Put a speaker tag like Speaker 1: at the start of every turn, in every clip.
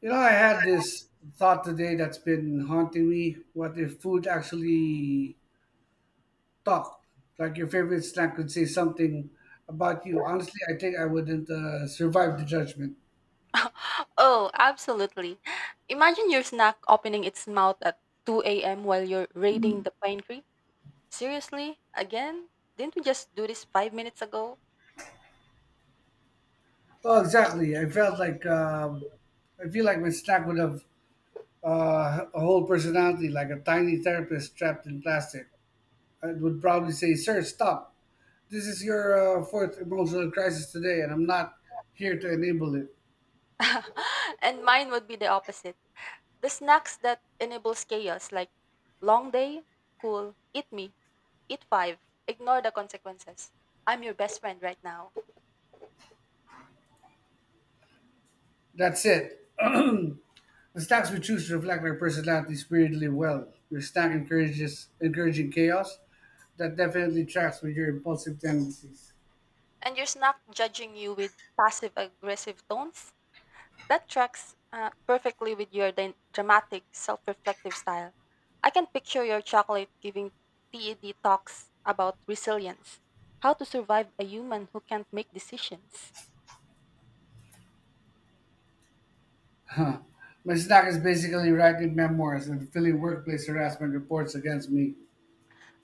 Speaker 1: I had this thought today that's been haunting me. What if food actually talked? Like your favorite snack could say something about you. Honestly, I think I wouldn't survive the judgment.
Speaker 2: Oh, absolutely. Imagine your snack opening its mouth at 2 a.m. while you're raiding the pantry. Seriously? Again? Didn't we just do this five minutes ago?
Speaker 1: Oh, exactly. I feel like my snack would have a whole personality, like a tiny therapist trapped in plastic. I would probably say, "Sir, stop. This is your fourth emotional crisis today, and I'm not here to enable it.
Speaker 2: and mine would be the opposite. The snacks that enables chaos, like long day, cool, eat me, eat five, ignore the consequences. I'm your best friend right now.
Speaker 1: That's it." The stacks we choose reflect our personalities weirdly well. Your stack encourages encouraging chaos. That definitely tracks with your impulsive tendencies.
Speaker 2: And your snack judging you with passive aggressive tones? That tracks perfectly with your dramatic, self reflective style. I can picture your chocolate giving TED talks about resilience, how to survive a human who can't make decisions.
Speaker 1: Huh. My stack is basically writing memoirs and filling workplace harassment reports against me.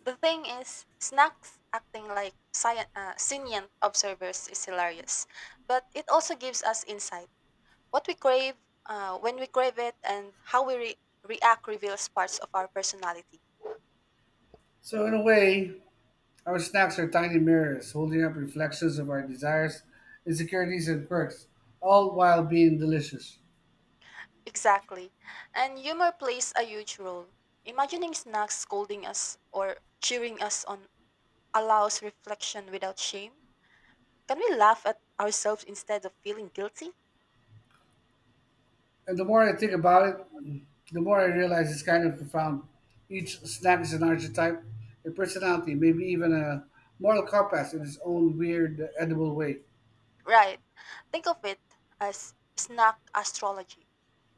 Speaker 2: The thing is, snacks acting like sentient observers is hilarious, but it also gives us insight. What we crave, when we crave it, and how we react reveals parts of our personality.
Speaker 1: So in a way, our snacks are tiny mirrors holding up reflections of our desires, insecurities, and quirks, all while being delicious.
Speaker 2: Exactly. And humor plays a huge role. Imagining snacks scolding us or cheering us on allows reflection without shame. Can we laugh at ourselves instead of feeling guilty?
Speaker 1: And the more I think about it, the more I realize it's kind of profound. Each snack is an archetype, a personality, maybe even a moral compass in its own weird, edible way.
Speaker 2: Right. Think of it as snack astrology.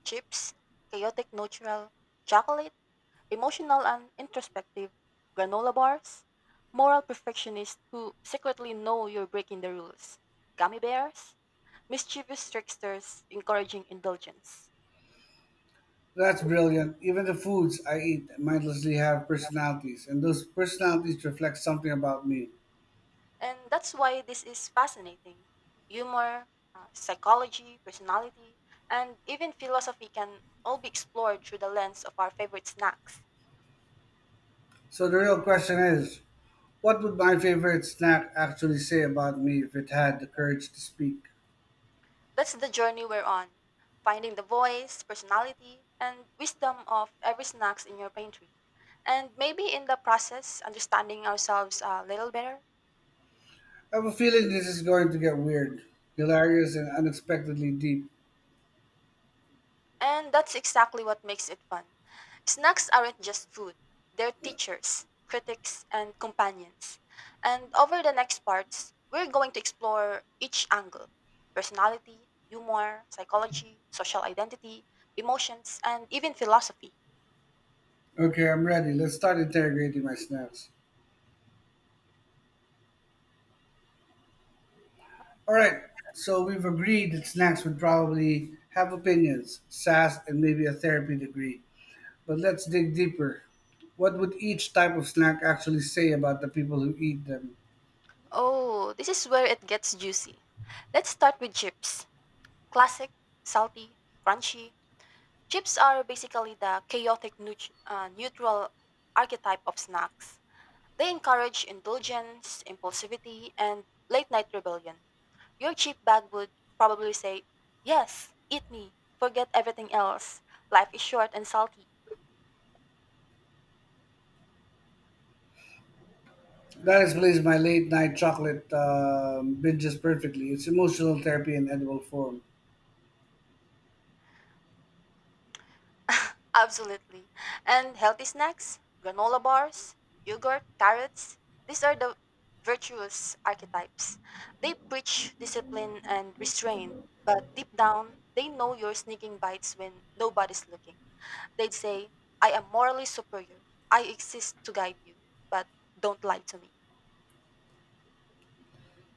Speaker 2: Chips, chaotic neutral, chocolate, emotional and introspective, granola bars, moral perfectionists who secretly know you're breaking the rules, gummy bears, mischievous tricksters encouraging indulgence.
Speaker 1: That's brilliant. Even the foods I eat mindlessly have personalities, and those personalities reflect something about me.
Speaker 2: And that's why this is fascinating. Humor, psychology, personality, and even philosophy can all be explored through the lens of our favorite snacks.
Speaker 1: So the real question is, what would my favorite snack actually say about me if it had the courage to speak?
Speaker 2: That's the journey we're on, finding the voice, personality, and wisdom of every snacks in your pantry. And maybe in the process, understanding ourselves a little better.
Speaker 1: I have a feeling this is going to get weird, hilarious, and unexpectedly deep.
Speaker 2: And that's exactly what makes it fun. Snacks aren't just food, they're teachers, critics, and companions. And over the next parts, we're going to explore each angle personality, humor, psychology, social identity, emotions, and even philosophy.
Speaker 1: Okay, I'm ready. Let's start interrogating my snacks. All right, so we've agreed that snacks would probably have opinions, sass, and maybe a therapy degree. But let's dig deeper. What would each type of snack actually say about the people who eat them?
Speaker 2: Oh, this is where it gets juicy. Let's start with chips classic, salty, crunchy. Chips are basically the neutral archetype of snacks. They encourage indulgence, impulsivity, and late night rebellion. Your cheap bag would probably say, yes, eat me, forget everything else. Life is short and salty.
Speaker 1: That explains my late night chocolate binges perfectly. It's emotional therapy in edible form.
Speaker 2: Absolutely. And healthy snacks, granola bars, yogurt, carrots, these are the virtuous archetypes. They preach discipline and restraint, but deep down, they know you're sneaking bites when nobody's looking. They'd say, I am morally superior. I exist to guide you, but don't lie to me.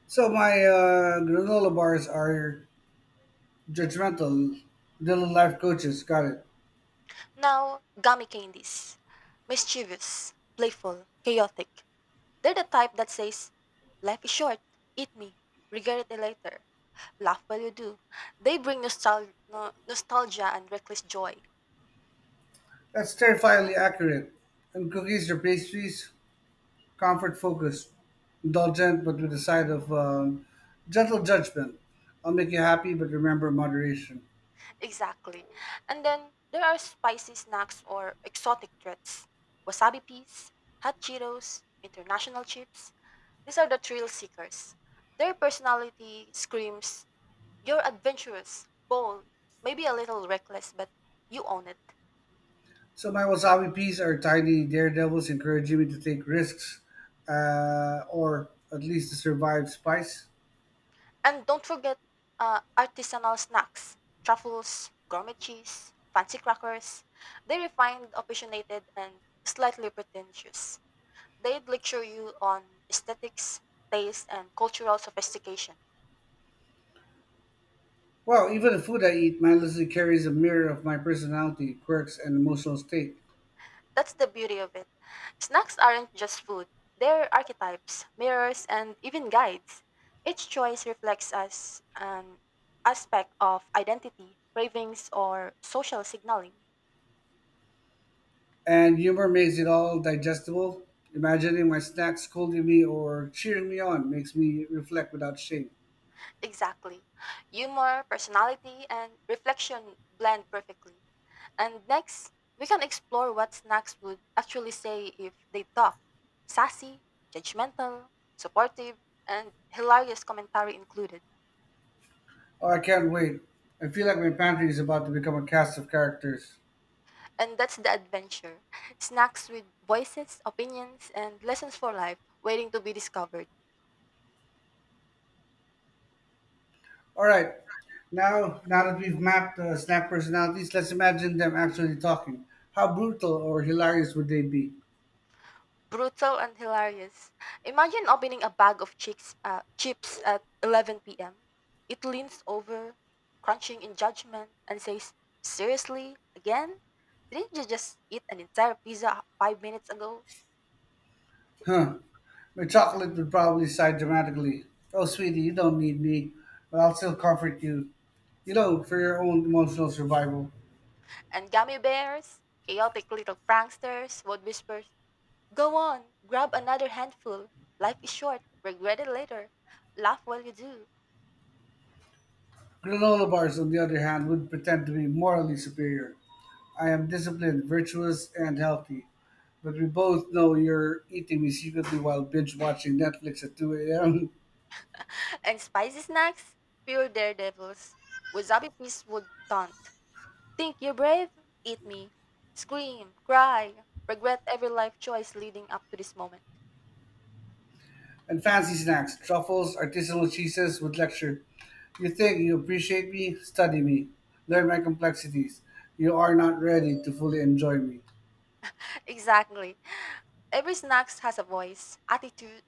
Speaker 1: So my granola bars are judgmental, little life coaches. Got it.
Speaker 2: Now, gummy candies. Mischievous, playful, chaotic. They're the type that says, life is short. Eat me. Regret it later. Laugh while you do. They bring nostalgia and reckless joy.
Speaker 1: That's terrifyingly accurate. And cookies or pastries? Comfort focused, indulgent, but with a side of gentle judgment. I'll make you happy, but remember moderation.
Speaker 2: Exactly. And then there are spicy snacks or exotic treats. Wasabi peas, hot Cheetos, international chips, these are the thrill seekers. Their personality screams, you're adventurous, bold, maybe a little reckless, but you own it.
Speaker 1: So my wasabi peas are tiny daredevils encouraging me to take risks, or at least to survive spice.
Speaker 2: And don't forget artisanal snacks, truffles, gourmet cheese, fancy crackers. They're refined, opinionated, and slightly pretentious. They'd lecture you on aesthetics, taste, and cultural sophistication.
Speaker 1: Well, even the food I eat mindlessly carries a mirror of my personality, quirks, and emotional state.
Speaker 2: That's the beauty of it. Snacks aren't just food, they're archetypes, mirrors, and even guides. Each choice reflects us an aspect of identity, cravings, or social signaling.
Speaker 1: And humor makes it all digestible. Imagining my snacks scolding me or cheering me on makes me reflect without shame.
Speaker 2: Exactly. Humor, personality, and reflection blend perfectly. And next, we can explore what snacks would actually say if they talk sassy, judgmental, supportive, and hilarious commentary included.
Speaker 1: Oh, I can't wait. I feel like my pantry is about to become a cast of characters.
Speaker 2: And that's the adventure. Snacks with voices, opinions, and lessons for life waiting to be discovered.
Speaker 1: All right, now that we've mapped the snack personalities, let's imagine them actually talking. How brutal or hilarious would they be?
Speaker 2: Brutal and hilarious. Imagine opening a bag of chips at 11 p.m. It leans over, crunching in judgment, and says, seriously? Again? Didn't you just eat an entire pizza five minutes ago?
Speaker 1: Huh? My chocolate would probably sigh dramatically. Oh, sweetie, you don't need me, but I'll still comfort you. For your own emotional survival.
Speaker 2: And gummy bears, chaotic little pranksters, would whisper, go on, grab another handful. Life is short, regret it later. Laugh while you do.
Speaker 1: Granola bars, on the other hand, would pretend to be morally superior. I am disciplined, virtuous, and healthy. But we both know you're eating me secretly while binge watching Netflix at 2 a.m.
Speaker 2: And spicy snacks? Pure daredevils. Wasabi peas would taunt. Think you're brave? Eat me. Scream, cry, regret every life choice leading up to this moment.
Speaker 1: And fancy snacks, truffles, artisanal cheeses with lecture. You think you appreciate me? Study me. Learn my complexities. You are not ready to fully enjoy me.
Speaker 2: Exactly. Every snack has a voice, attitude,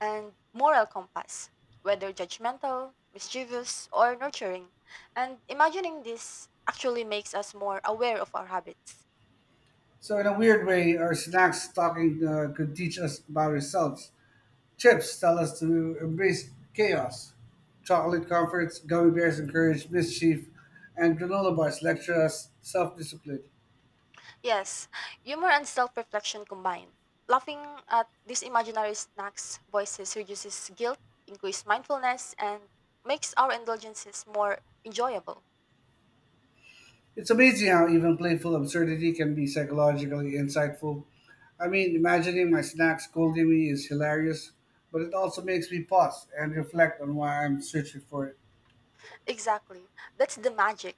Speaker 2: and moral compass, whether judgmental, mischievous, or nurturing. And imagining this actually makes us more aware of our habits.
Speaker 1: So, in a weird way, our snacks talking could teach us about ourselves. Chips tell us to embrace chaos. Chocolate comforts, gummy bears encourage mischief, and granola bars lecture us self discipline.
Speaker 2: Yes, humor and self-reflection combine. Laughing at these imaginary snacks voices reduces guilt, increases mindfulness, and makes our indulgences more enjoyable.
Speaker 1: It's amazing how even playful absurdity can be psychologically insightful. I mean, imagining my snack scolding me is hilarious, but it also makes me pause and reflect on why I'm searching for it.
Speaker 2: Exactly. That's the magic.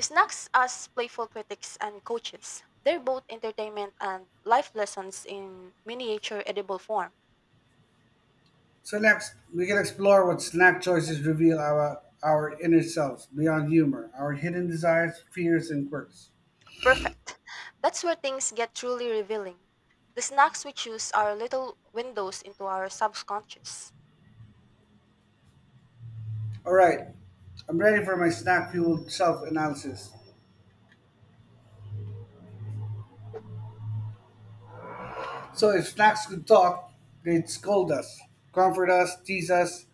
Speaker 2: Snacks as playful critics and coaches. They're both entertainment and life lessons in miniature edible form.
Speaker 1: So, next, we can explore what snack choices reveal our inner selves beyond humor, our hidden desires, fears, and quirks.
Speaker 2: Perfect. That's where things get truly revealing. The snacks we choose are little windows into our subconscious.
Speaker 1: All right, I'm ready for my snack fueled self analysis. So, if snacks could talk, they'd scold us, comfort us, tease us,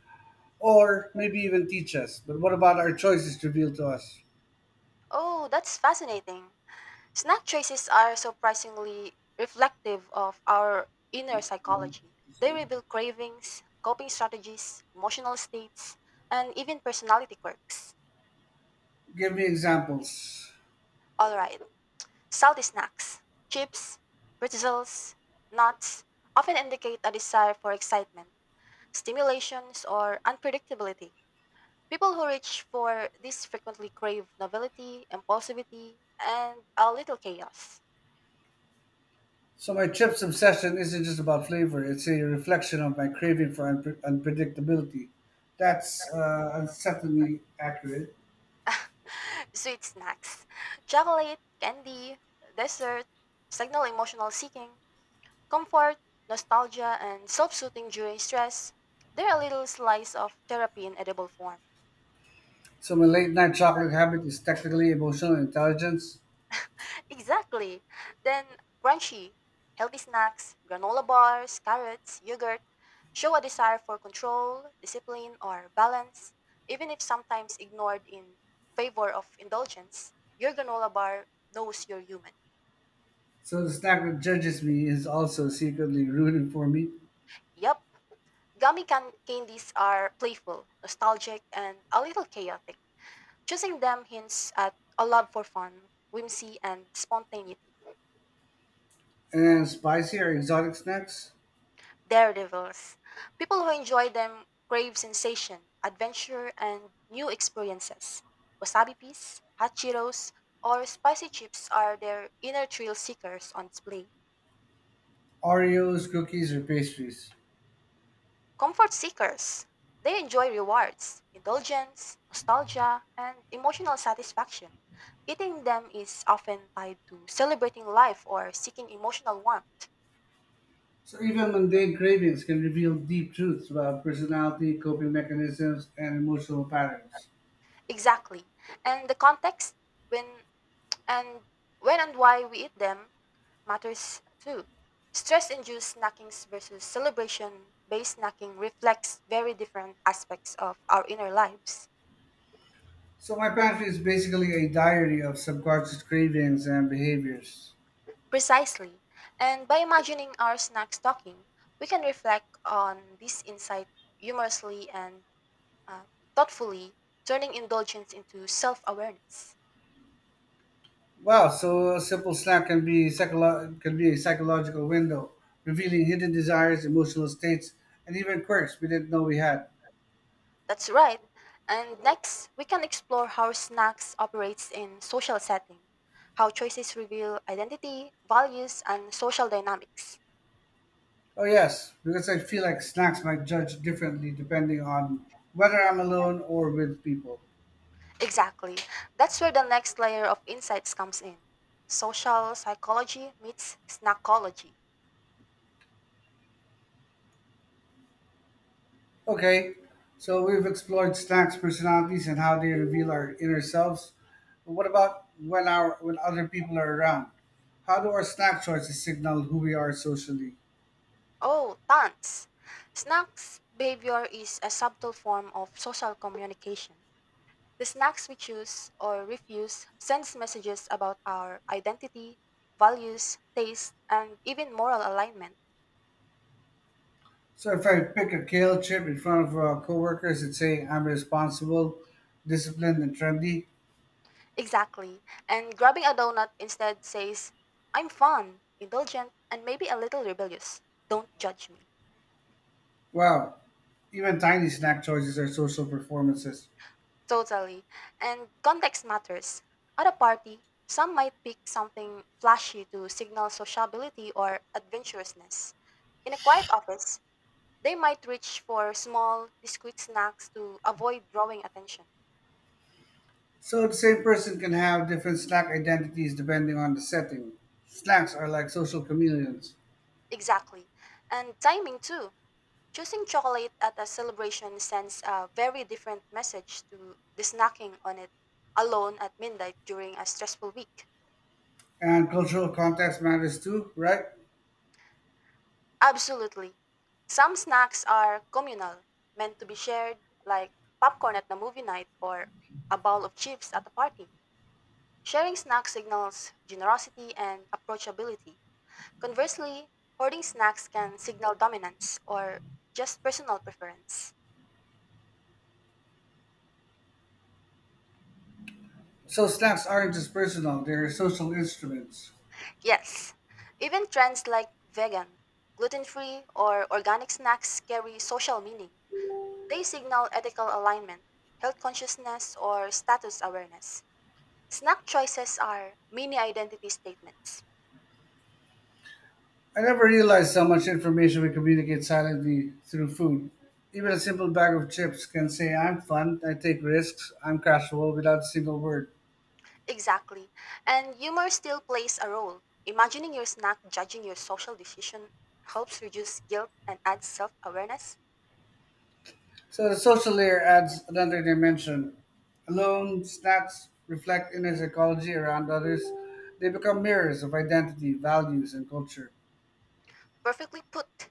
Speaker 1: or maybe even teach us. But what about our choices revealed to us?
Speaker 2: Oh, that's fascinating. Snack traces are surprisingly reflective of our inner psychology. They reveal cravings, coping strategies, emotional states, and even personality quirks.
Speaker 1: Give me examples.
Speaker 2: All right, salty snacks, chips, pretzels, nuts often indicate a desire for excitement, stimulations, or unpredictability. People who reach for this frequently crave novelty, impulsivity, and a little chaos.
Speaker 1: So, my chips obsession isn't just about flavor, it's a reflection of my craving for unpredictability. That's unsettlingly accurate.
Speaker 2: Sweet snacks, chocolate, candy, dessert, signal emotional seeking, comfort, nostalgia, and self soothing during stress. They're a little slice of therapy in edible form.
Speaker 1: So, my late night chocolate habit is technically emotional intelligence.
Speaker 2: Exactly. Then crunchy, healthy snacks, granola bars, carrots, yogurt show a desire for control, discipline, or balance, even if sometimes ignored in favor of indulgence. Your granola bar knows you're human.
Speaker 1: So the snack that judges me is also secretly rooting for me.
Speaker 2: Yep. Gummy candies are playful, nostalgic, and a little chaotic. Choosing them hints at a love for fun, whimsy, and spontaneity.
Speaker 1: And spicy or exotic snacks.
Speaker 2: Daredevils. People who enjoy them crave sensation, adventure, and new experiences. Wasabi peas, hachiros, or spicy chips are their inner thrill seekers on display.
Speaker 1: Oreos, cookies, or pastries.
Speaker 2: Comfort seekers, they enjoy rewards, indulgence, nostalgia, and emotional satisfaction. Eating them is often tied to celebrating life or seeking emotional warmth.
Speaker 1: So even mundane cravings can reveal deep truths about personality, coping mechanisms, and emotional patterns.
Speaker 2: Exactly. And the context when and when and why we eat them matters too. Stress-induced snackings versus celebration-based snacking reflects very different aspects of our inner lives.
Speaker 1: So my pantry is basically a diary of subconscious cravings and behaviors.
Speaker 2: Precisely. And by imagining our snacks talking, we can reflect on this insight humorously and uh, thoughtfully, turning indulgence into self awareness.
Speaker 1: Wow, so a simple snack can be a psychological window, revealing hidden desires, emotional states, and even quirks we didn't know we had.
Speaker 2: That's right. And next, we can explore how snacks operates in social setting, how choices reveal identity, values, and social dynamics.
Speaker 1: Oh, yes, because I feel like snacks might judge differently depending on whether I'm alone or with people.
Speaker 2: Exactly. That's where the next layer of insights comes in. Social psychology meets snackology.
Speaker 1: Okay, so we've explored snacks' personalities and how they reveal our inner selves. But what about when our when other people are around? How do our snack choices signal who we are socially?
Speaker 2: Oh, tons. Snacks behavior is a subtle form of social communication. The snacks we choose or refuse sends messages about our identity, values, taste, and even moral alignment.
Speaker 1: So if I pick a kale chip in front of coworkers and say I'm responsible, disciplined, and trendy.
Speaker 2: Exactly. And grabbing a donut instead says, I'm fun, indulgent, and maybe a little rebellious. Don't judge me.
Speaker 1: Wow, even tiny snack choices are social performances.
Speaker 2: Totally. And context matters. At a party, some might pick something flashy to signal sociability or adventurousness. In a quiet office, they might reach for small, discreet snacks to avoid drawing attention.
Speaker 1: So the same person can have different slang identities depending on the setting. Slangs are like social chameleons.
Speaker 2: Exactly. And timing too. Choosing chocolate at a celebration sends a very different message to the snacking on it alone at midnight during a stressful week.
Speaker 1: And cultural context matters too, right?
Speaker 2: Absolutely. Some snacks are communal, meant to be shared, like popcorn at the movie night or a bowl of chips at a party. Sharing snacks signals generosity and approachability. Conversely, hoarding snacks can signal dominance or just personal preference.
Speaker 1: So slangs aren't just personal, they're social instruments.
Speaker 2: Yes, even trends like vegan, gluten free, or organic snacks carry social meaning. They signal ethical alignment, health consciousness, or status awareness. Snack choices are mini identity statements.
Speaker 1: I never realized how much information we communicate silently through food. Even a simple bag of chips can say, I'm fun, I take risks, I'm casual without a single word.
Speaker 2: Exactly. And humor still plays a role. Imagining your snack judging your social decision helps reduce guilt and adds self awareness.
Speaker 1: So the social layer adds another dimension. Alone, snacks reflect inner psychology around others. They become mirrors of identity, values, and culture.
Speaker 2: Perfectly put.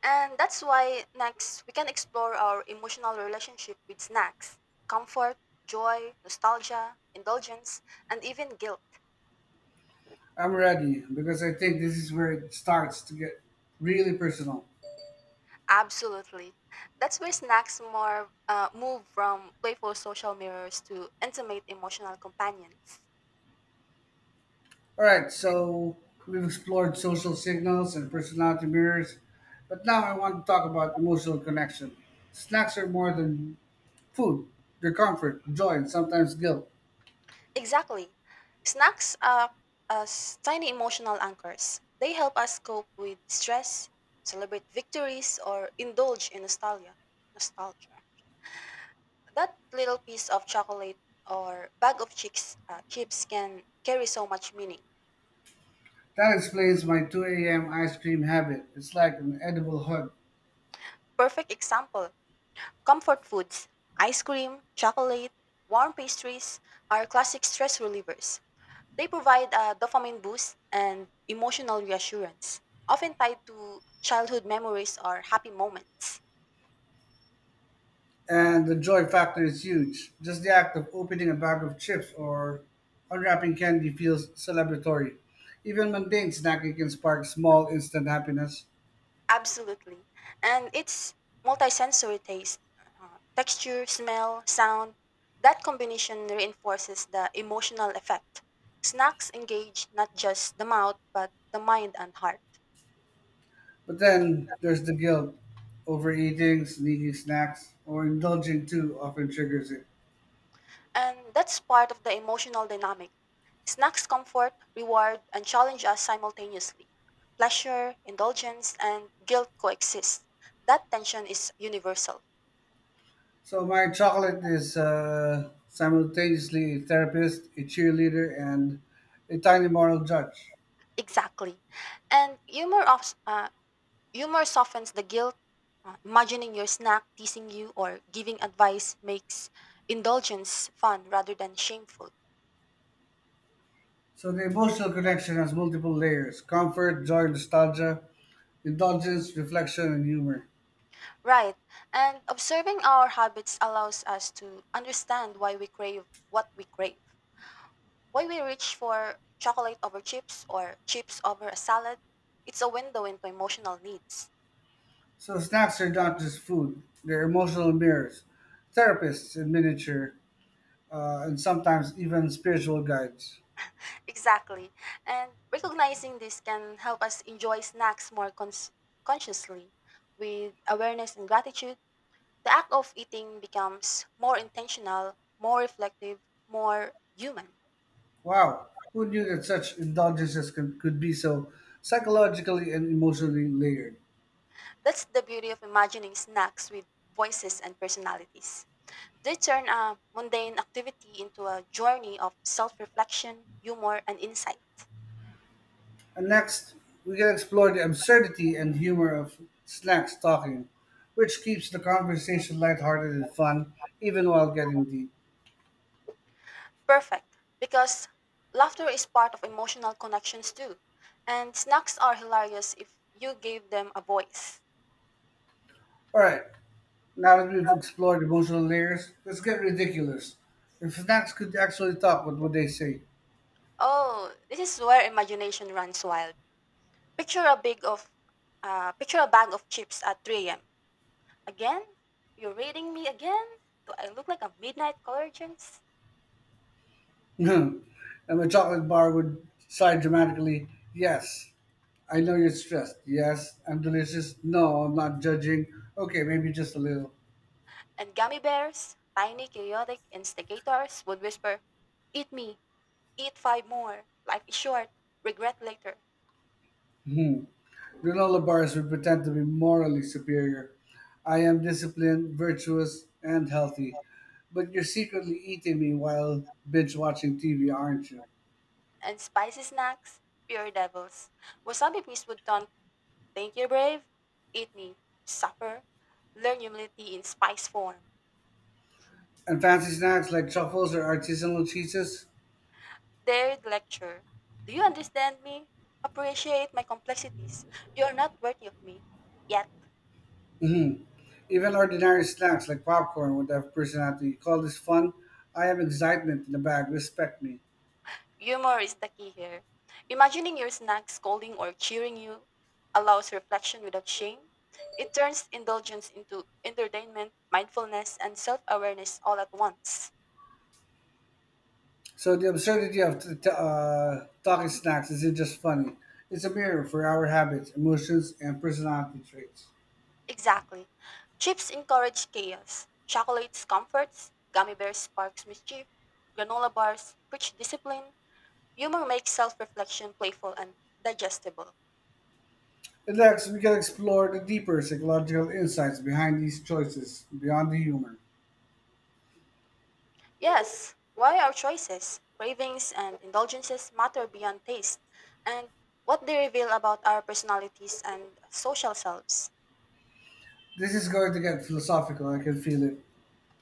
Speaker 2: And that's why next we can explore our emotional relationship with snacks comfort, joy, nostalgia, indulgence, and even guilt.
Speaker 1: I'm ready because I think this is where it starts to get really personal.
Speaker 2: Absolutely. That's where snacks more move from playful social mirrors to intimate emotional companions.
Speaker 1: All right, so we've explored social signals and personality mirrors, but now I want to talk about emotional connection. Snacks are more than food, they're comfort, joy, and sometimes guilt.
Speaker 2: Exactly. Snacks are as tiny emotional anchors. They help us cope with stress, celebrate victories, or indulge in nostalgia. Nostalgia. That little piece of chocolate or bag of chips can carry so much meaning.
Speaker 1: That explains my 2 a.m. ice cream habit. It's like an edible hug.
Speaker 2: Perfect example: comfort foods, ice cream, chocolate, warm pastries are classic stress relievers. They provide a dopamine boost and emotional reassurance, often tied to childhood memories or happy moments.
Speaker 1: And the joy factor is huge. Just the act of opening a bag of chips or unwrapping candy feels celebratory. Even mundane snacking can spark small instant happiness.
Speaker 2: Absolutely. And it's multisensory taste, texture, smell, sound. That combination reinforces the emotional effect. Snacks engage not just the mouth, but the mind and heart.
Speaker 1: But then there's the guilt. Overeating, sneaking snacks, or indulging too often triggers it.
Speaker 2: And that's part of the emotional dynamic. Snacks comfort, reward, and challenge us simultaneously. Pleasure, indulgence, and guilt coexist. That tension is universal.
Speaker 1: So my chocolate is simultaneously a therapist, a cheerleader, and a tiny moral judge.
Speaker 2: Exactly. And humor softens the guilt. Imagining your snack teasing you or giving advice makes indulgence fun rather than shameful.
Speaker 1: So the emotional connection has multiple layers: comfort, joy, nostalgia, indulgence, reflection, and humor.
Speaker 2: Right. And observing our habits allows us to understand why we crave what we crave. Why we reach for chocolate over chips or chips over a salad, it's a window into emotional needs.
Speaker 1: So snacks are not just food; they're emotional mirrors, therapists in miniature, and sometimes even spiritual guides.
Speaker 2: Exactly. And recognizing this can help us enjoy snacks consciously. With awareness and gratitude, the act of eating becomes more intentional, more reflective, more human.
Speaker 1: Wow, who knew that such indulgences could be so psychologically and emotionally layered?
Speaker 2: That's the beauty of imagining snacks with voices and personalities. They turn a mundane activity into a journey of self reflection, humor, and insight.
Speaker 1: And next, we can explore the absurdity and humor of snacks talking, which keeps the conversation lighthearted and fun, even while getting deep.
Speaker 2: Perfect, because laughter is part of emotional connections too. And snacks are hilarious if you give them a voice.
Speaker 1: All right, now that we've explored emotional layers, let's get ridiculous. If snacks could actually talk, what would they say?
Speaker 2: Oh, this is where imagination runs wild. Picture a big of Picture a bag of chips at 3 a.m. Again? You're reading me again? Do I look like a midnight convergence?
Speaker 1: And my chocolate bar would sigh dramatically, Yes, I know you're stressed. Yes, I'm delicious. No, I'm not judging. Okay, maybe just a little.
Speaker 2: And gummy bears, tiny chaotic instigators would whisper, eat me, eat five more. Life is short, regret later.
Speaker 1: Hmm. Granola bars would pretend to be morally superior. I am disciplined, virtuous, and healthy. But you're secretly eating me while binge watching TV, aren't you?
Speaker 2: And spicy snacks, pure devils. Wasabi please would taunt, think you're brave? Eat me, suffer. Learn humility in spice form.
Speaker 1: And fancy snacks like truffles or artisanal cheeses.
Speaker 2: Dared lecture, do you understand me? Appreciate my complexities. You're not worthy of me. Yet,
Speaker 1: Even ordinary snacks like popcorn would have personality. You call this fun? I have excitement in the bag. Respect me.
Speaker 2: humor is the key here. Imagining your snack scolding or cheering you allows reflection without shame. It turns indulgence into entertainment, mindfulness, and self awareness all at once.
Speaker 1: So the absurdity of talking snacks isn't just funny. It's a mirror for our habits, emotions, and personality traits.
Speaker 2: Exactly. Chips encourage chaos. Chocolates comforts. Gummy bears sparks mischief. Granola bars preach discipline. Humor makes self-reflection playful and digestible.
Speaker 1: And next, we can explore the deeper psychological insights behind these choices beyond the humor.
Speaker 2: Yes, why our choices, cravings, and indulgences matter beyond taste, and what they reveal about our personalities and social selves.
Speaker 1: This is going to get philosophical. I can feel it.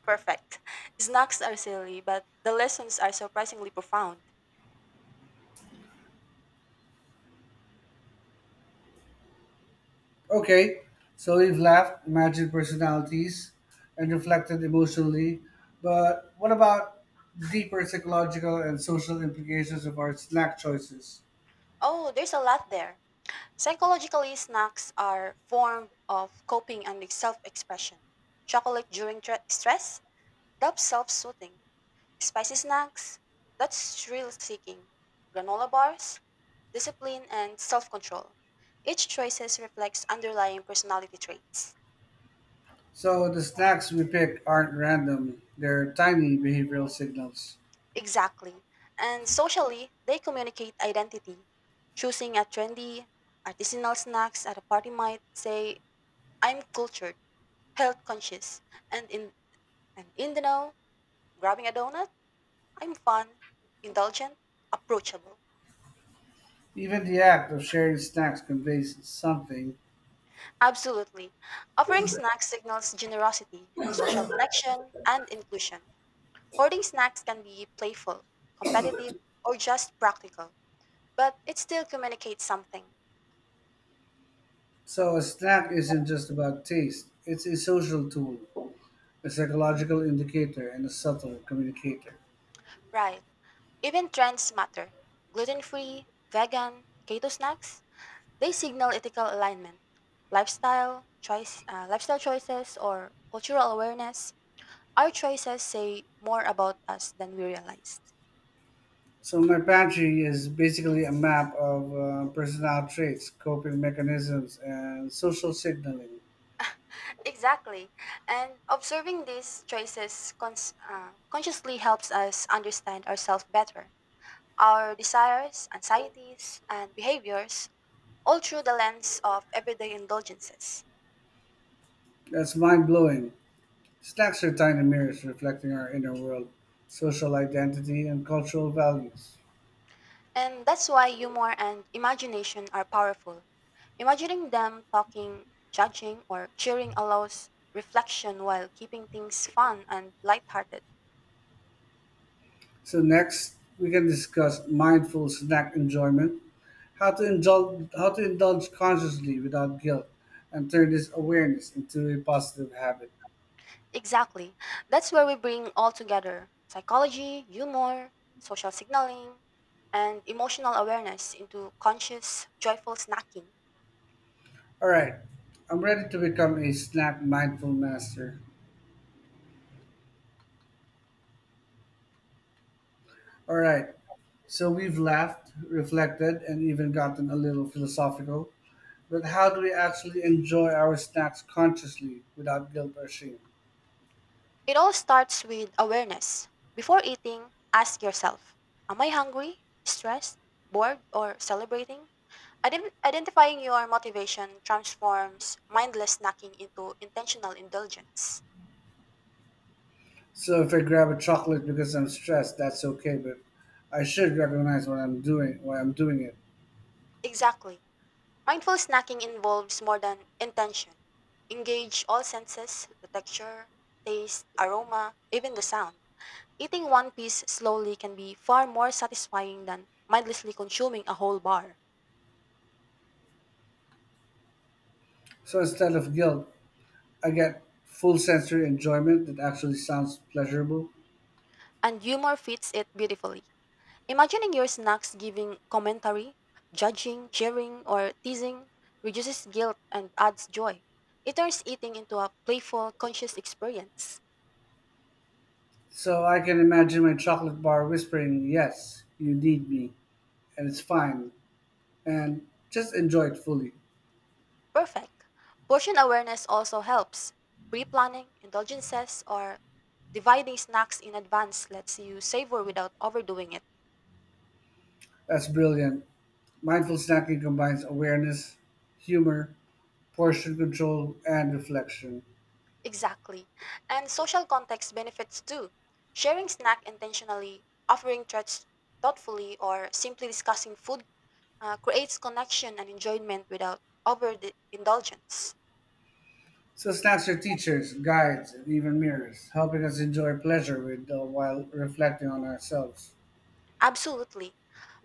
Speaker 2: Perfect. Snacks are silly, but the lessons are surprisingly profound.
Speaker 1: Okay, so we've laughed, imagined personalities, and reflected emotionally, but what about deeper psychological and social implications of our snack choices?
Speaker 2: Oh, there's a lot there. Psychologically, snacks are form of coping and self-expression. Chocolate during stress, that's self-soothing. Spicy snacks, that's thrill-seeking. Granola bars, discipline and self-control. Each choices reflects underlying personality traits.
Speaker 1: So the snacks we pick aren't random, they're tiny behavioral signals.
Speaker 2: Exactly. And socially, they communicate identity. Choosing a trendy, artisanal snacks at a party might say, I'm cultured, health conscious, and in and in the know. Grabbing a donut? I'm fun, indulgent, approachable.
Speaker 1: Even the act of sharing snacks conveys something.
Speaker 2: Absolutely. Offering snacks signals generosity, social connection, and inclusion. Hoarding snacks can be playful, competitive, or just practical, but it still communicates something.
Speaker 1: So a snack isn't just about taste, it's a social tool, a psychological indicator, and a subtle communicator.
Speaker 2: Right. Even trends matter. Gluten free, vegan, keto snacks, they signal ethical alignment, lifestyle, lifestyle choices, or cultural awareness. Our choices say more about us than we realized.
Speaker 1: So my pantry is basically a map of personal traits, coping mechanisms, and social signaling.
Speaker 2: Exactly. And observing these choices consciously helps us understand ourselves better, our desires, anxieties, and behaviors, all through the lens of everyday indulgences.
Speaker 1: That's mind blowing. Snacks are tiny mirrors reflecting our inner world, social identity, and cultural values.
Speaker 2: And that's why humor and imagination are powerful. Imagining them talking, judging, or cheering allows reflection while keeping things fun and lighthearted.
Speaker 1: So next, we can discuss mindful snack enjoyment, how to indulge consciously without guilt, and turn this awareness into a positive habit.
Speaker 2: Exactly. That's where we bring all together psychology, humor, social signaling, and emotional awareness into conscious, joyful snacking.
Speaker 1: All right, I'm ready to become a snack mindful master. All right. So we've laughed, reflected, and even gotten a little philosophical. But how do we actually enjoy our snacks consciously without guilt or shame?
Speaker 2: It all starts with awareness. Before eating, ask yourself, am I hungry, stressed, bored, or celebrating? Identifying your motivation transforms mindless snacking into intentional indulgence.
Speaker 1: So if I grab a chocolate because I'm stressed, that's okay, but I should recognize what I'm doing, why I'm doing it.
Speaker 2: Exactly. Mindful snacking involves more than intention. Engage all senses, the texture, taste, aroma, even the sound. Eating one piece slowly can be far more satisfying than mindlessly consuming a whole bar,
Speaker 1: So instead of guilt, I get full sensory enjoyment that actually sounds pleasurable.
Speaker 2: and humor fits it beautifully. Imagining your snacks giving commentary, judging, cheering, or teasing reduces guilt and adds joy. It turns eating into a playful, conscious experience.
Speaker 1: So I can imagine my chocolate bar whispering, "Yes, you need me," and it's fine, and just enjoy it fully.
Speaker 2: Perfect. Portion awareness also helps. Pre planning, indulgences, or dividing snacks in advance lets you savor without overdoing it.
Speaker 1: That's brilliant. Mindful snacking combines awareness, humor, portion control, and reflection.
Speaker 2: Exactly. And social context benefits too. Sharing snack intentionally, offering treats thoughtfully, or simply discussing food creates connection and enjoyment without overindulgence.
Speaker 1: So snacks are teachers, guides, and even mirrors, helping us enjoy pleasure while reflecting on ourselves.
Speaker 2: Absolutely.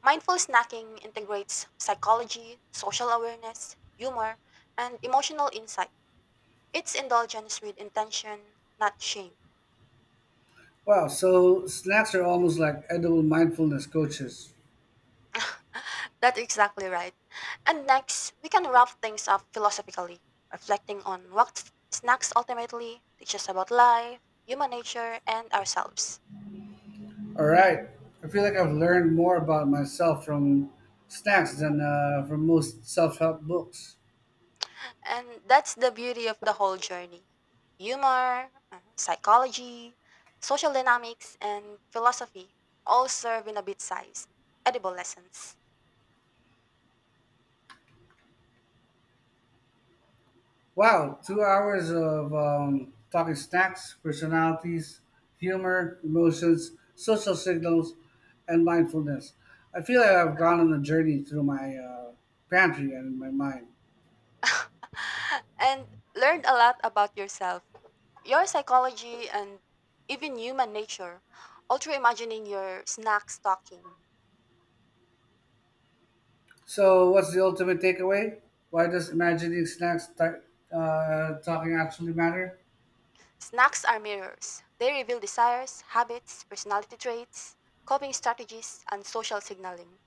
Speaker 2: Mindful snacking integrates psychology, social awareness, humor, and emotional insight. It's indulgence with intention, not shame.
Speaker 1: Wow, so snacks are almost like edible mindfulness coaches.
Speaker 2: That's exactly right. And next, we can wrap things up philosophically, reflecting on what snacks ultimately teach us about life, human nature, and ourselves.
Speaker 1: All right, I feel like I've learned more about myself from snacks than from most self-help books.
Speaker 2: And that's the beauty of the whole journey, humor, psychology, social dynamics, and philosophy all serve in a bit sized, edible lessons.
Speaker 1: Wow, 2 hours of talking snacks, personalities, humor, emotions, social signals, and mindfulness. I feel like I've gone on a journey through my pantry and my mind.
Speaker 2: And learned a lot about yourself, your psychology, and even human nature. All through imagining your snacks talking.
Speaker 1: So, what's the ultimate takeaway? Why does imagining snacks talking actually matter?
Speaker 2: Snacks are mirrors. They reveal desires, habits, personality traits, coping strategies, and social signaling.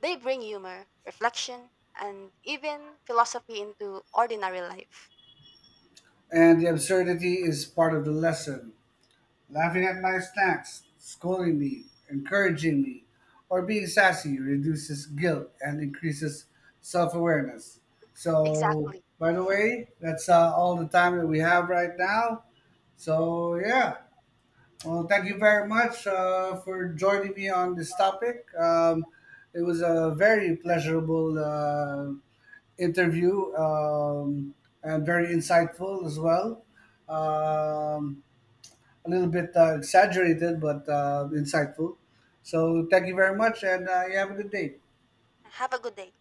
Speaker 2: They bring humor, reflection, and even philosophy into ordinary life.
Speaker 1: And the absurdity is part of the lesson. Laughing at my snacks, scolding me, encouraging me, or being sassy reduces guilt and increases self awareness. So,
Speaker 2: Exactly.
Speaker 1: by the way, that's all the time that we have right now. So, yeah. Well, thank you very much for joining me on this topic. It was a very pleasurable interview and very insightful as well. Um, a little bit exaggerated, but insightful. So thank you very much, and you have a good day.
Speaker 2: Have a good day.